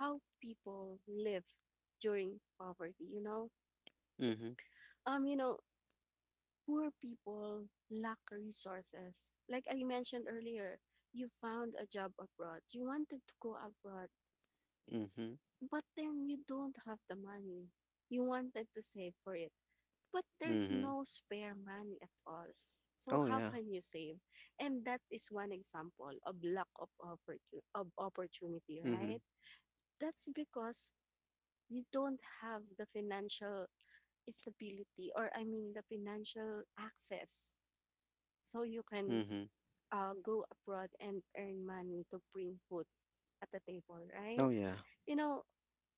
Speaker 2: how people live during poverty, you know.
Speaker 1: Mhm.
Speaker 2: You know, poor people lack resources. Like I mentioned earlier, you found a job abroad, you wanted to go abroad,
Speaker 1: Mhm.
Speaker 2: but then you don't have the money. You wanted to save for it, but there's
Speaker 1: Mhm.
Speaker 2: no spare money at all. So
Speaker 1: Oh
Speaker 2: how
Speaker 1: yeah.
Speaker 2: can you save? And that is one example of of opportunity,
Speaker 1: Mhm.
Speaker 2: right? That's because you don't have the financial stability or I mean the financial access so you can
Speaker 1: Mhm.
Speaker 2: go abroad and earn money to bring food at the table, right?
Speaker 1: Oh yeah.
Speaker 2: You know,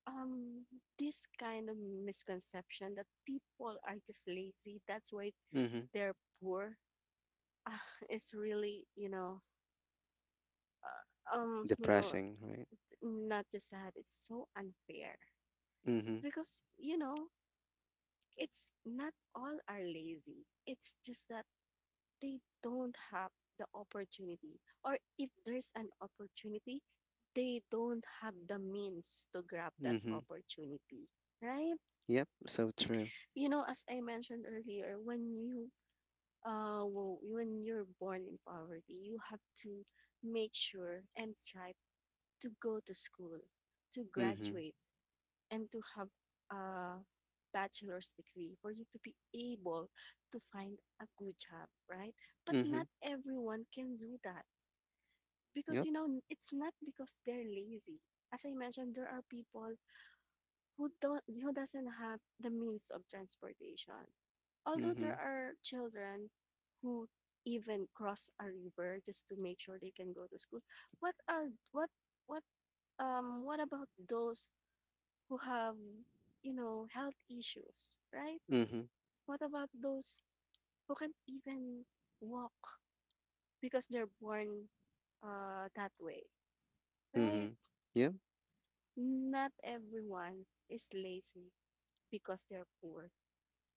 Speaker 2: um, this kind of misconception that people are just lazy, that's why
Speaker 1: Mhm.
Speaker 2: they're poor, uh, is really, you know,
Speaker 1: Depressing, right?
Speaker 2: not just that, it's so unfair
Speaker 1: Mhm.
Speaker 2: because, you know, it's not all are lazy. It's just that they don't have the opportunity, or if there's an opportunity they don't have the means to grab that
Speaker 1: Mhm.
Speaker 2: opportunity, right?
Speaker 1: Yep, so true.
Speaker 2: You know, as I mentioned earlier, when you well, when you're born in poverty you have to make sure and strive to go to school, to
Speaker 1: Mhm.
Speaker 2: graduate, and to have a bachelor's degree for you to be able to find a good job, right? But
Speaker 1: Mhm.
Speaker 2: not everyone can do that, because
Speaker 1: Yep.
Speaker 2: you know it's not because they're lazy. As I mentioned, there are people who doesn't have the means of transportation, although there
Speaker 1: Mhm.
Speaker 2: are children who even cross a river just to make sure they can go to school. What are what what um what about those who have, you know, health issues, right?
Speaker 1: Mhm.
Speaker 2: What about those who can't even walk because they're born that way, right?
Speaker 1: Mhm. Yep.
Speaker 2: Not everyone is lazy because they're poor.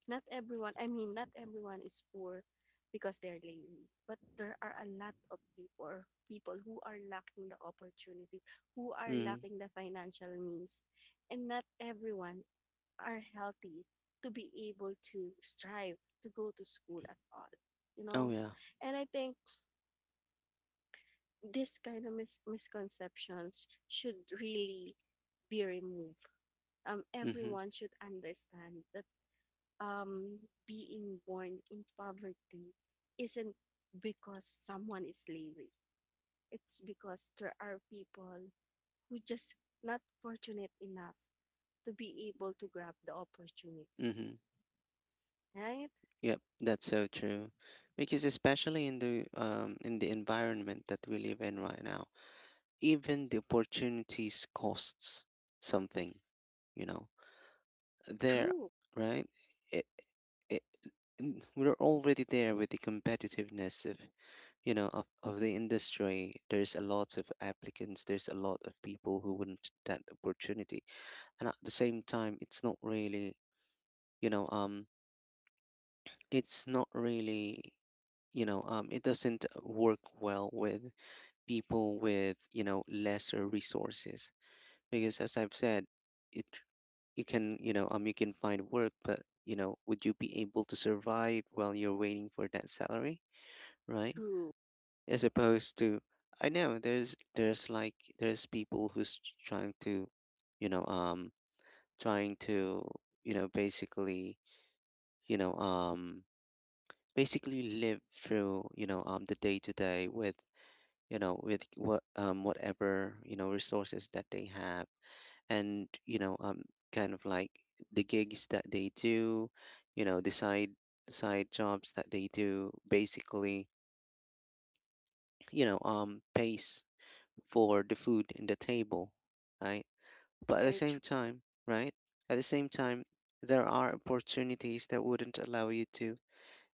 Speaker 2: Not everyone is poor because they're lazy. But there are a lot of people, people who are lacking the opportunity, who are
Speaker 1: Mhm.
Speaker 2: lacking the financial means. And not everyone are healthy to be able to strive to go to school at all. You
Speaker 1: Oh
Speaker 2: know?
Speaker 1: yeah.
Speaker 2: And I think this kind of mis- misconceptions should really be removed.
Speaker 1: Mhm.
Speaker 2: Everyone should understand that, um, being born in poverty isn't because someone is lazy. It's because there are people who just not fortunate enough to be able to grab the opportunity.
Speaker 1: Mhm.
Speaker 2: Right?
Speaker 1: Yep. That's so true. Because especially in the environment that we live in right now, even the opportunities costs something, you know. There,
Speaker 2: True.
Speaker 1: right? It, it, we're already there with the competitiveness of, of the industry. There's a lot of applicants, there's a lot of people who want that opportunity. And at the same time, it's not really, you know um it's not really, it doesn't work well with people with, lesser resources, because as I've said, it, you can, you can find work, but you know, would you be able to survive while you're waiting for that salary, right?
Speaker 2: True.
Speaker 1: As opposed to, I know there's, there's people who's trying to, you know um trying to, basically, you know um basically live through, the day to day with, with what, whatever, resources that they have. And kind of like the gigs that they do, the side, side jobs that they do, basically, pays for the food in the table, right? But at the
Speaker 2: Very true.
Speaker 1: same time, right, at the same time, there are opportunities that wouldn't allow you to.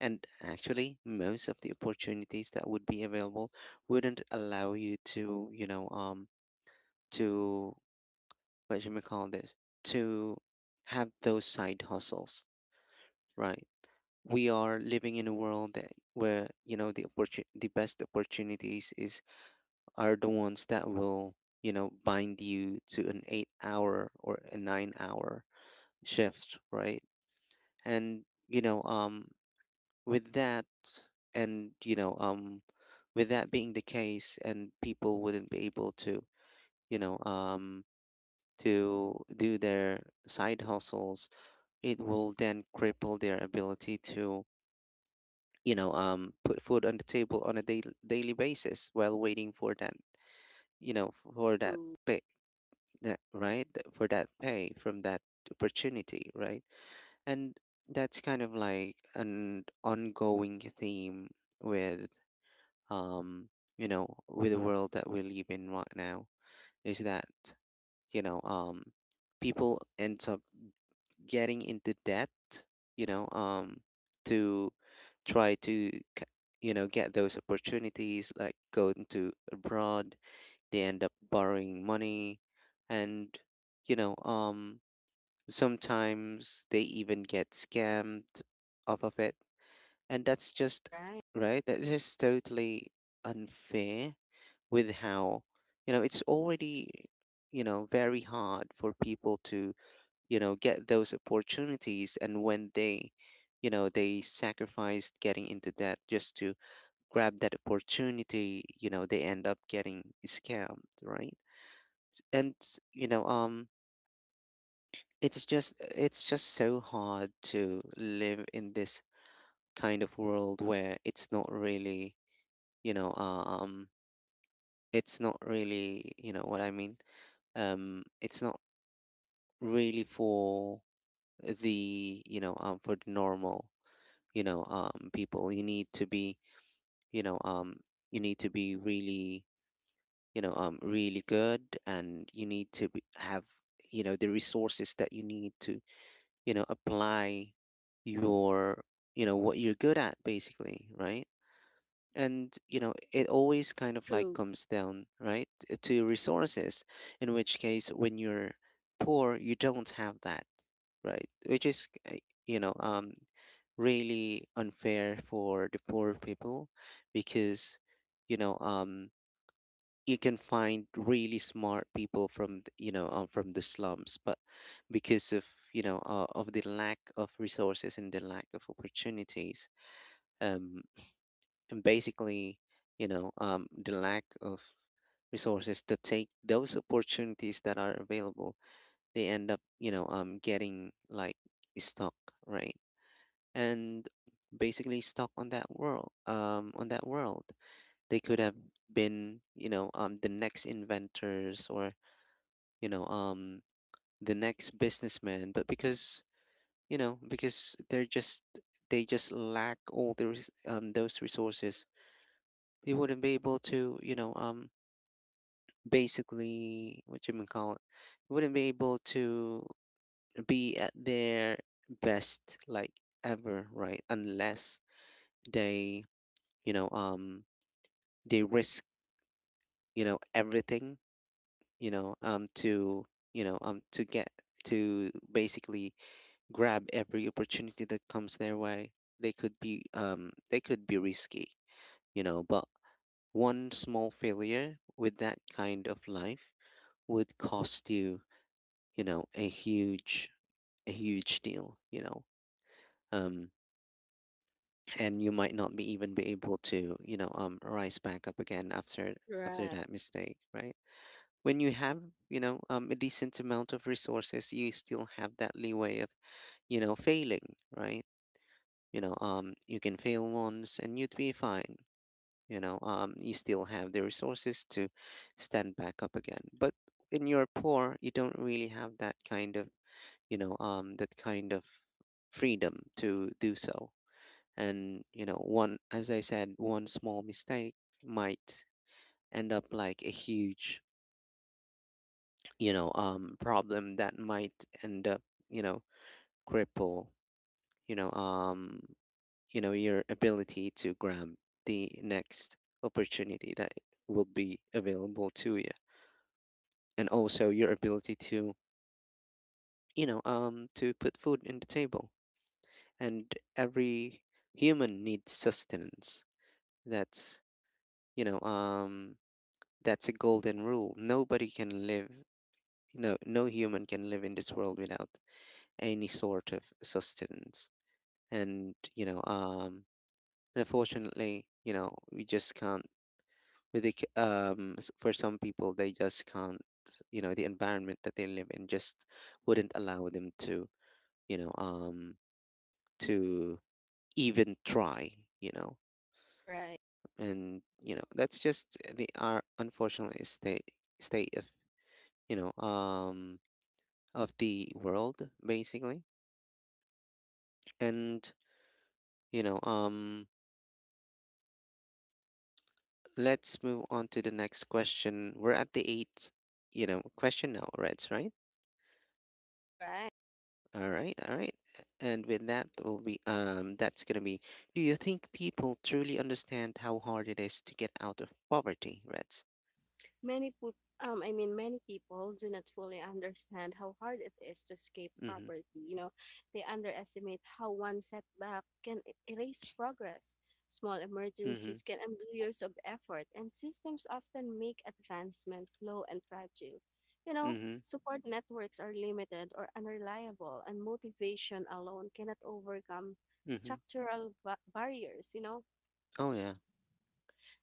Speaker 1: And actually, most of the opportunities that would be available wouldn't allow you to, to what should we call this? To have those side hustles, right? We are living in a world that where, you know, the best opportunities is, are the ones that will, bind you to an 8 hour or a 9 hour shift, right? And, with that, and with that being the case, and people wouldn't be able to, you know um to do their side hustles, it will then cripple their ability to, put food on the table on a daily basis while waiting for that, for that
Speaker 2: True.
Speaker 1: pay. That right, for that pay from that opportunity, right? And that's kind of like an ongoing theme with, um, with the world that we live in right now, is that, you know, um, people end up getting into debt, you know, um, to try to, get those opportunities, like going to abroad. They end up borrowing money, and you know, um, sometimes they even get scammed off of it, and that's just
Speaker 2: Right.
Speaker 1: right. That's just totally unfair with how, it's already, very hard for people to, get those opportunities, and when they, they sacrificed getting into debt just to grab that opportunity, you know, they end up getting scammed, right? And you know um it's just, it's just so hard to live in this kind of world where it's not really, you know uh, um it's not really, you know what I mean? It's not really for the, for the normal, people. You need to be, you know um you need to be really, really good, and you need to have, the resources that you need to, apply your, what you're good at basically, right? And you know it always kind of like
Speaker 2: True.
Speaker 1: comes down, right, to resources, in which case when you're poor, you don't have that, right? Which is, you know, um, really unfair for the poor people, because, you know, um, you can find really smart people from, from the slums, but because of, of the lack of resources and the lack of opportunities, um, and basically, the lack of resources to take those opportunities that are available, they end up, getting like stuck, right? And basically stuck on that world, on that world they could have been, the next inventors, or you know um the next businessman, but because, because they're just, they just lack all those, those resources, they wouldn't be able to, basically what you may call it, wouldn't be able to be at their best, like ever, right? Unless they, you know um they risk, everything, to to get, to basically grab every opportunity that comes their way. They could be, they could be risky, you know, but one small failure with that kind of life would cost you, you know a huge, a huge deal, you know. um and you might not be even be able to, rise back up again after, after
Speaker 2: Right.
Speaker 1: that mistake, right? When you have, a decent amount of resources, you still have that leeway of, failing, right? You can fail once and you'd be fine. You still have the resources to stand back up again. But when you're poor, you don't really have that kind of, that kind of freedom to do so. And you know, one, as I said, one small mistake might end up like a huge, problem that might end up, you know cripple, you know um your ability to grab the next opportunity that will be available to you, and also your ability to, to put food in the table. And every human needs sustenance. That's, you know um that's a golden rule. Nobody can live, no human can live in this world without any sort of sustenance. And and unfortunately, you know, we just can't. With the for some people they just can't, the environment that they live in just wouldn't allow them to, you know um to even try, you know.
Speaker 2: Right.
Speaker 1: And you know that's just the our unfortunately state, state of, you know um of the world, basically. And you know um let's move on to the next question. We're at the eighth, you know, question now, Reds, right?
Speaker 2: Right.
Speaker 1: All right, all right. And with that will be, that's gonna be, do you think people truly understand how hard it is to get out of poverty, Reds?
Speaker 2: Many put, I mean, Many people do not fully understand how hard it is to escape
Speaker 1: Mm-hmm.
Speaker 2: poverty. You know, they underestimate how one setback can e- erase progress. Small
Speaker 1: Mm-hmm.
Speaker 2: emergencies can undo years of effort, and systems often make advancements slow and fragile. You know,
Speaker 1: Mm-hmm.
Speaker 2: support networks are limited or unreliable, and motivation alone cannot overcome
Speaker 1: Mm-hmm.
Speaker 2: barriers. You know,
Speaker 1: Oh yeah.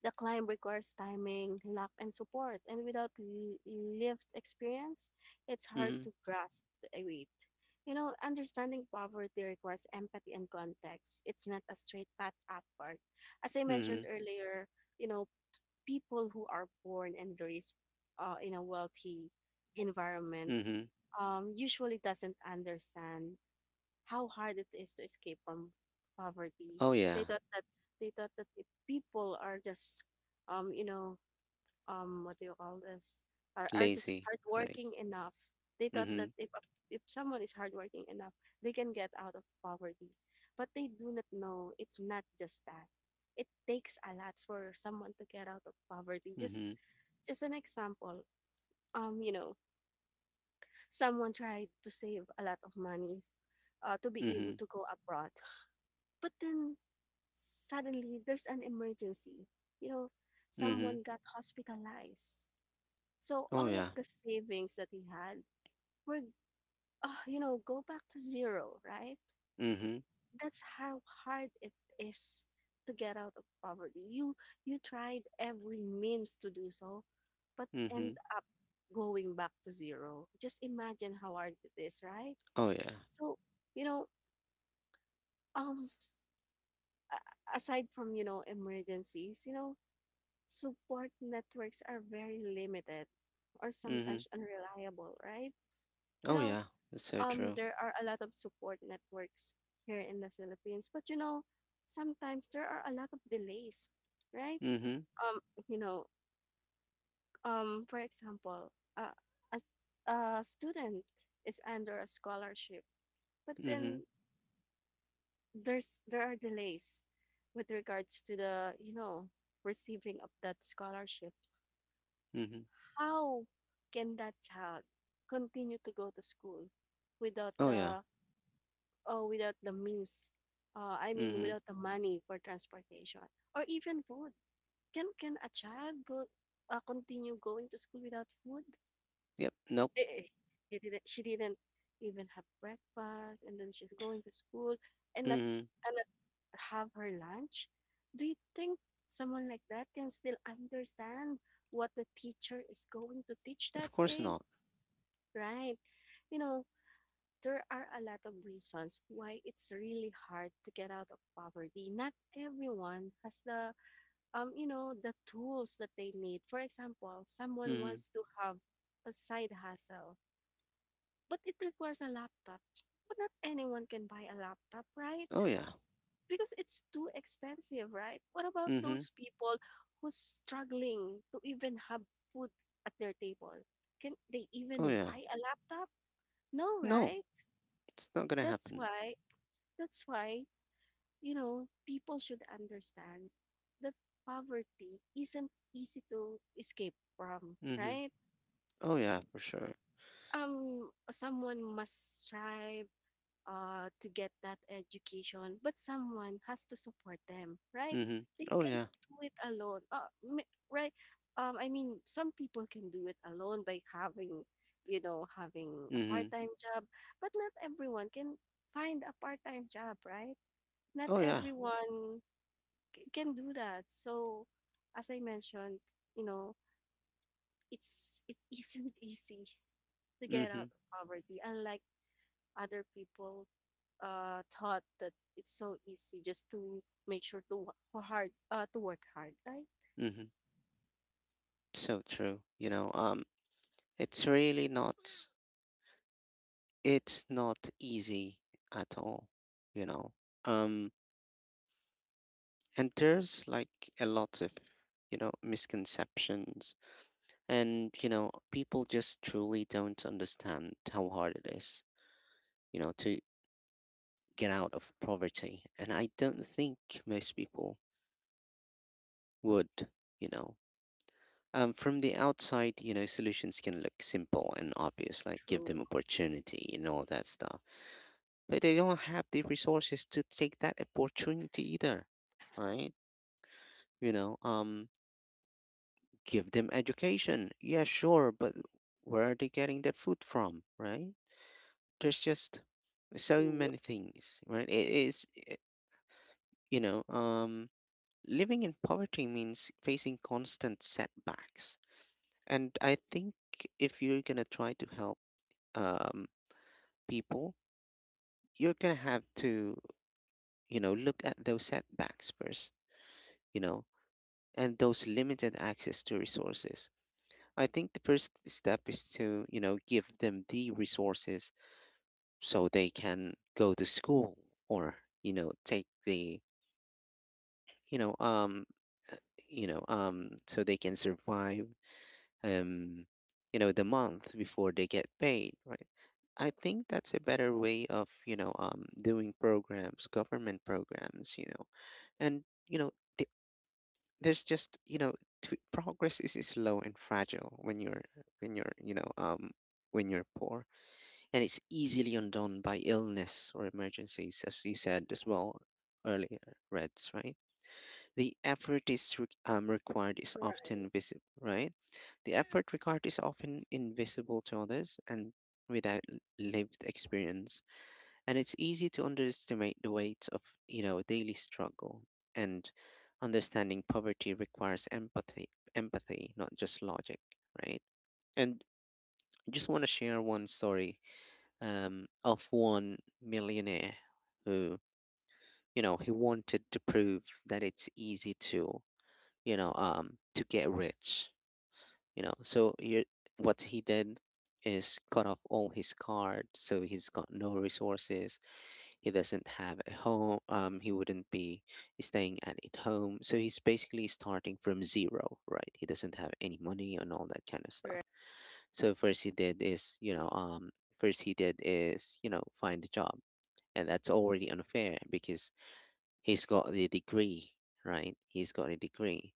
Speaker 2: the climb requires timing, luck, and support, and without l- lived experience, it's hard
Speaker 1: Mm-hmm.
Speaker 2: to grasp the weight. You know, understanding poverty requires empathy and context. It's not a straight path upward. As I
Speaker 1: Mm-hmm.
Speaker 2: mentioned earlier, you know, people who are born and raised in a wealthy environment
Speaker 1: Mm-hmm.
Speaker 2: usually doesn't understand how hard it is to escape from poverty.
Speaker 1: Oh
Speaker 2: They
Speaker 1: yeah.
Speaker 2: thought that they thought that if people are just you know what do you call this are just
Speaker 1: Lazy, right?
Speaker 2: hardworking enough. They thought
Speaker 1: Mm-hmm.
Speaker 2: that if someone is hardworking enough, they can get out of poverty. But they do not know it's not just that. It takes a lot for someone to get out of poverty. Just
Speaker 1: Mm-hmm.
Speaker 2: just an example. You know, someone tried to save a lot of money to be
Speaker 1: Mm-hmm.
Speaker 2: able to go abroad. But then suddenly there's an emergency. You know,
Speaker 1: Mm-hmm.
Speaker 2: someone got hospitalized. So
Speaker 1: Oh
Speaker 2: all of
Speaker 1: yeah.
Speaker 2: the savings that he had were, you know, go back to zero, right?
Speaker 1: Mm-hmm.
Speaker 2: That's how hard it is to get out of poverty. You tried every means to do so, but
Speaker 1: Mm-hmm.
Speaker 2: end up going back to zero. Just imagine how hard it is, right?
Speaker 1: Oh yeah.
Speaker 2: So, you know, um a- aside from, you know, emergencies, you know, support networks are very limited or
Speaker 1: Mm-hmm.
Speaker 2: sometimes unreliable, right? You
Speaker 1: Oh
Speaker 2: know,
Speaker 1: yeah. That's so true.
Speaker 2: there are a lot of support networks here in the Philippines, but you know, sometimes there are a lot of delays, right?
Speaker 1: Mm-hmm.
Speaker 2: Um, you know, for example, uh, a student is under a scholarship, but
Speaker 1: Mm-hmm.
Speaker 2: then there are delays with regards to the you know receiving of that scholarship.
Speaker 1: Mhm.
Speaker 2: How can that child continue to go to school without
Speaker 1: Oh, yeah.
Speaker 2: the oh without the means?
Speaker 1: Mhm.
Speaker 2: Without the money for transportation or even food. Can a child go continue going to school without food?
Speaker 1: Yep. Nope.
Speaker 2: Eh, eh, He didn't. She didn't even have breakfast, and then she's going to school and
Speaker 1: Mhm.
Speaker 2: not have her lunch. Do you think someone like that can still understand what the teacher is going to teach that
Speaker 1: Of course
Speaker 2: day?
Speaker 1: not.
Speaker 2: Right. You know, there are a lot of reasons why it's really hard to get out of poverty. Not everyone has the you know, the tools that they need. For example, someone
Speaker 1: Mhm.
Speaker 2: wants to have a side hustle, but it requires a laptop. But not anyone can buy a laptop, right?
Speaker 1: Oh, yeah.
Speaker 2: Because it's too expensive, right? What about
Speaker 1: Mhm.
Speaker 2: those people who's struggling to even have food at their table? Can they
Speaker 1: Oh,
Speaker 2: even
Speaker 1: yeah.
Speaker 2: buy a laptop? No,
Speaker 1: No,
Speaker 2: right?
Speaker 1: it's not gonna
Speaker 2: that's
Speaker 1: happen.
Speaker 2: why that's why you know people should understand that poverty isn't easy to escape from,
Speaker 1: Mhm.
Speaker 2: right?
Speaker 1: Oh, yeah, for sure.
Speaker 2: Someone must strive to get that education, but someone has to support them, right?
Speaker 1: Mhm.
Speaker 2: They
Speaker 1: Oh,
Speaker 2: can
Speaker 1: yeah.
Speaker 2: not do it alone. Right some people can do it alone by having you know having a
Speaker 1: Mhm.
Speaker 2: part-time job, but not everyone can find a part-time job, right? Not
Speaker 1: Oh, yeah.
Speaker 2: everyone can do that. So, as I mentioned, you know, it's it isn't easy to get out
Speaker 1: Mhm.
Speaker 2: of poverty, unlike other people thought that it's so easy just to make sure to to work hard, right?
Speaker 1: Mhm. So true. You know, it's really not. It's not easy at all. You know, um, and there's like a lot of, you know, misconceptions. And, you know, people just truly don't understand how hard it is, you know, to get out of poverty. And I don't think most people would, you know. From the outside, you know, solutions can look simple and obvious, like give them
Speaker 2: True,
Speaker 1: opportunity and all that stuff. But they don't have the resources to take that opportunity either, right? You know, give them education. Yeah, sure, but where are they getting that food from, right? There's just so
Speaker 2: true,
Speaker 1: many things, right? It is, eh, you know, Living in poverty means facing constant setbacks. And I think if you're going to try to help um, people, you're going to have to, look at those setbacks first, you know, and those limited access to resources. I think the first step is to, give them the resources so they can go to school or, you know, take the you know, um, uh, you know, so they can survive, um, the month before they get paid, right? I think that's a better way of, doing programs, government programs, you know, and you know, th- there's just, progress is slow and fragile when you're when you're you know um when you're poor, and it's easily undone by illness or emergencies, as you said as well earlier, Reds, right? The effort required is
Speaker 2: right,
Speaker 1: often visible, right? The effort required is often invisible to others, and without lived experience, and it's easy to underestimate the weight of daily struggle. And understanding poverty requires empathy, empathy, not just logic, right? And I just want to share one story of one millionaire. Who you know he wanted to prove that it's easy to to get rich. So you what he did is cut off all his cards, so he's got no resources. He doesn't have a home. He wouldn't be staying at a home, so he's basically starting from zero, right? He doesn't have any money and all that kind of stuff.
Speaker 2: right,
Speaker 1: So first he did is, find a job, and that's already unfair because he's got the degree, right? He's got a degree,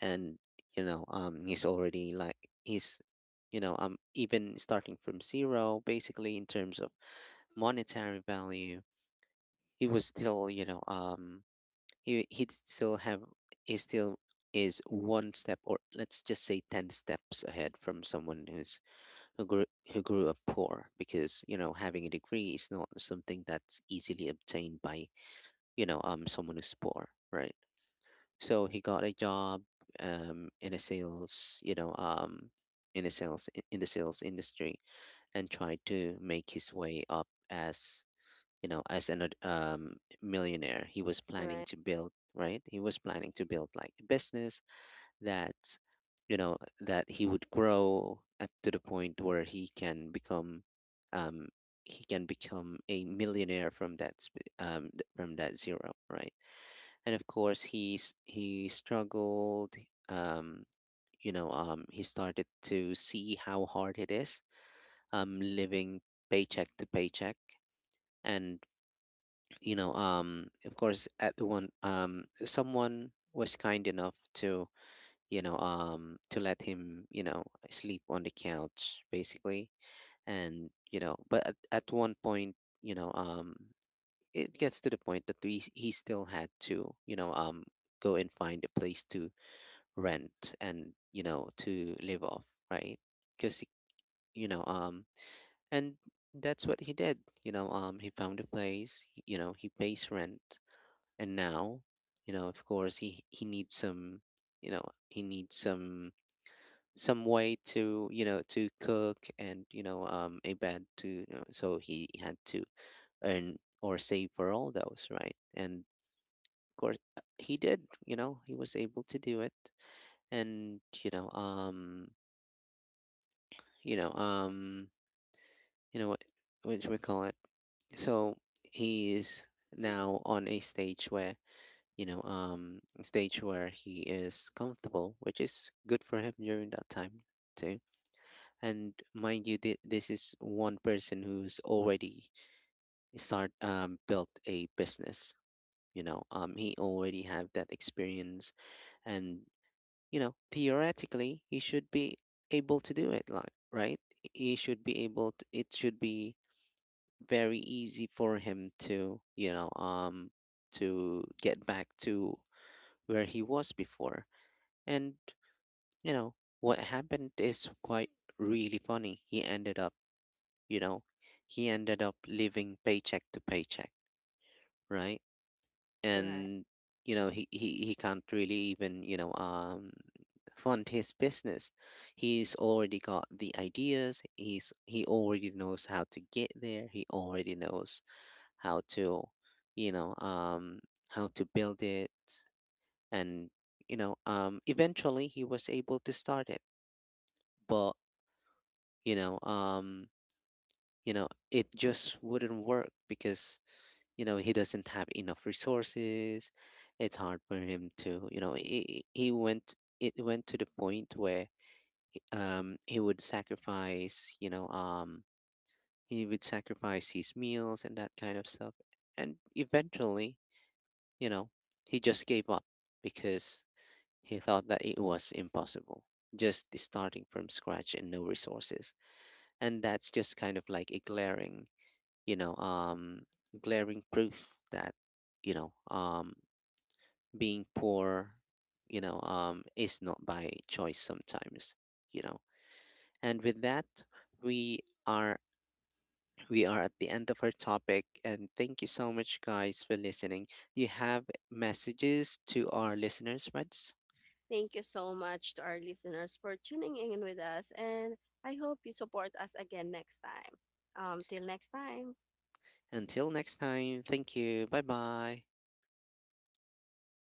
Speaker 1: and he's already, like he's you know even starting from zero, basically, in terms of monetary value. He was still you know um he he still is one step, or let's just say 10 steps, ahead from someone who grew who grew up poor, because having a degree is not something that's easily obtained by someone who's poor, right? So he got a job, um, in a sales, you know, um, in the sales industry, and tried to make his way up as an millionaire. He was planning
Speaker 2: right,
Speaker 1: to build, right? He was planning to build, like, a business that you know that he would grow up to the point where he can become, um, a millionaire from that zero, right? And, of course, he struggled. um he started to see how hard it is, living paycheck to paycheck. And, of course, at the one someone was kind enough to, to let him, sleep on the couch, basically. And you know But at one point, you know um it gets to the point that he still had to, go and find a place to rent, and to live off, right? because you know and That's what he did. He found a place, he pays rent. And now, you know of course, he needs some. You know he needs some some way to, to cook, and, a bed to, so he had to earn or save for all those, right? And, of course, he did. He was able to do it. And, you know, um, you know what should we call it? So he is now on a stage where, he is comfortable, which is good for him during that time too. And mind you, this is one person who's already start built a business. He already have that experience, and, theoretically, he should be able to do it. Like, right? He should be able. It should be very easy for him to you know to get back to where he was before. And you know what happened is quite really funny. He ended up you know he ended up living paycheck to paycheck, right?
Speaker 2: right.
Speaker 1: And he can't really even fund his business. He's already got the ideas. He already knows how to get there. He already knows how to you know um, how to build it. And, eventually, he was able to start it. But, you know um, it just wouldn't work because, he doesn't have enough resources. It's hard for him to you know he went it went to the point where, um, he would sacrifice you know um, he would sacrifice his meals and that kind of stuff. And eventually, you know, he just gave up because he thought that it was impossible. Just starting from scratch and no resources. And that's just kind of like a you know, um, glaring proof that, you know, um, being poor, is not by choice sometimes, you know. And with that, we are we are at the end of our topic, and thank you so much, guys, for listening. You have messages to our listeners, Reds?
Speaker 2: Thank you so much to our listeners for tuning in with us, and I hope you support us again next time. Till next time.
Speaker 1: Until next time, thank you. Bye bye.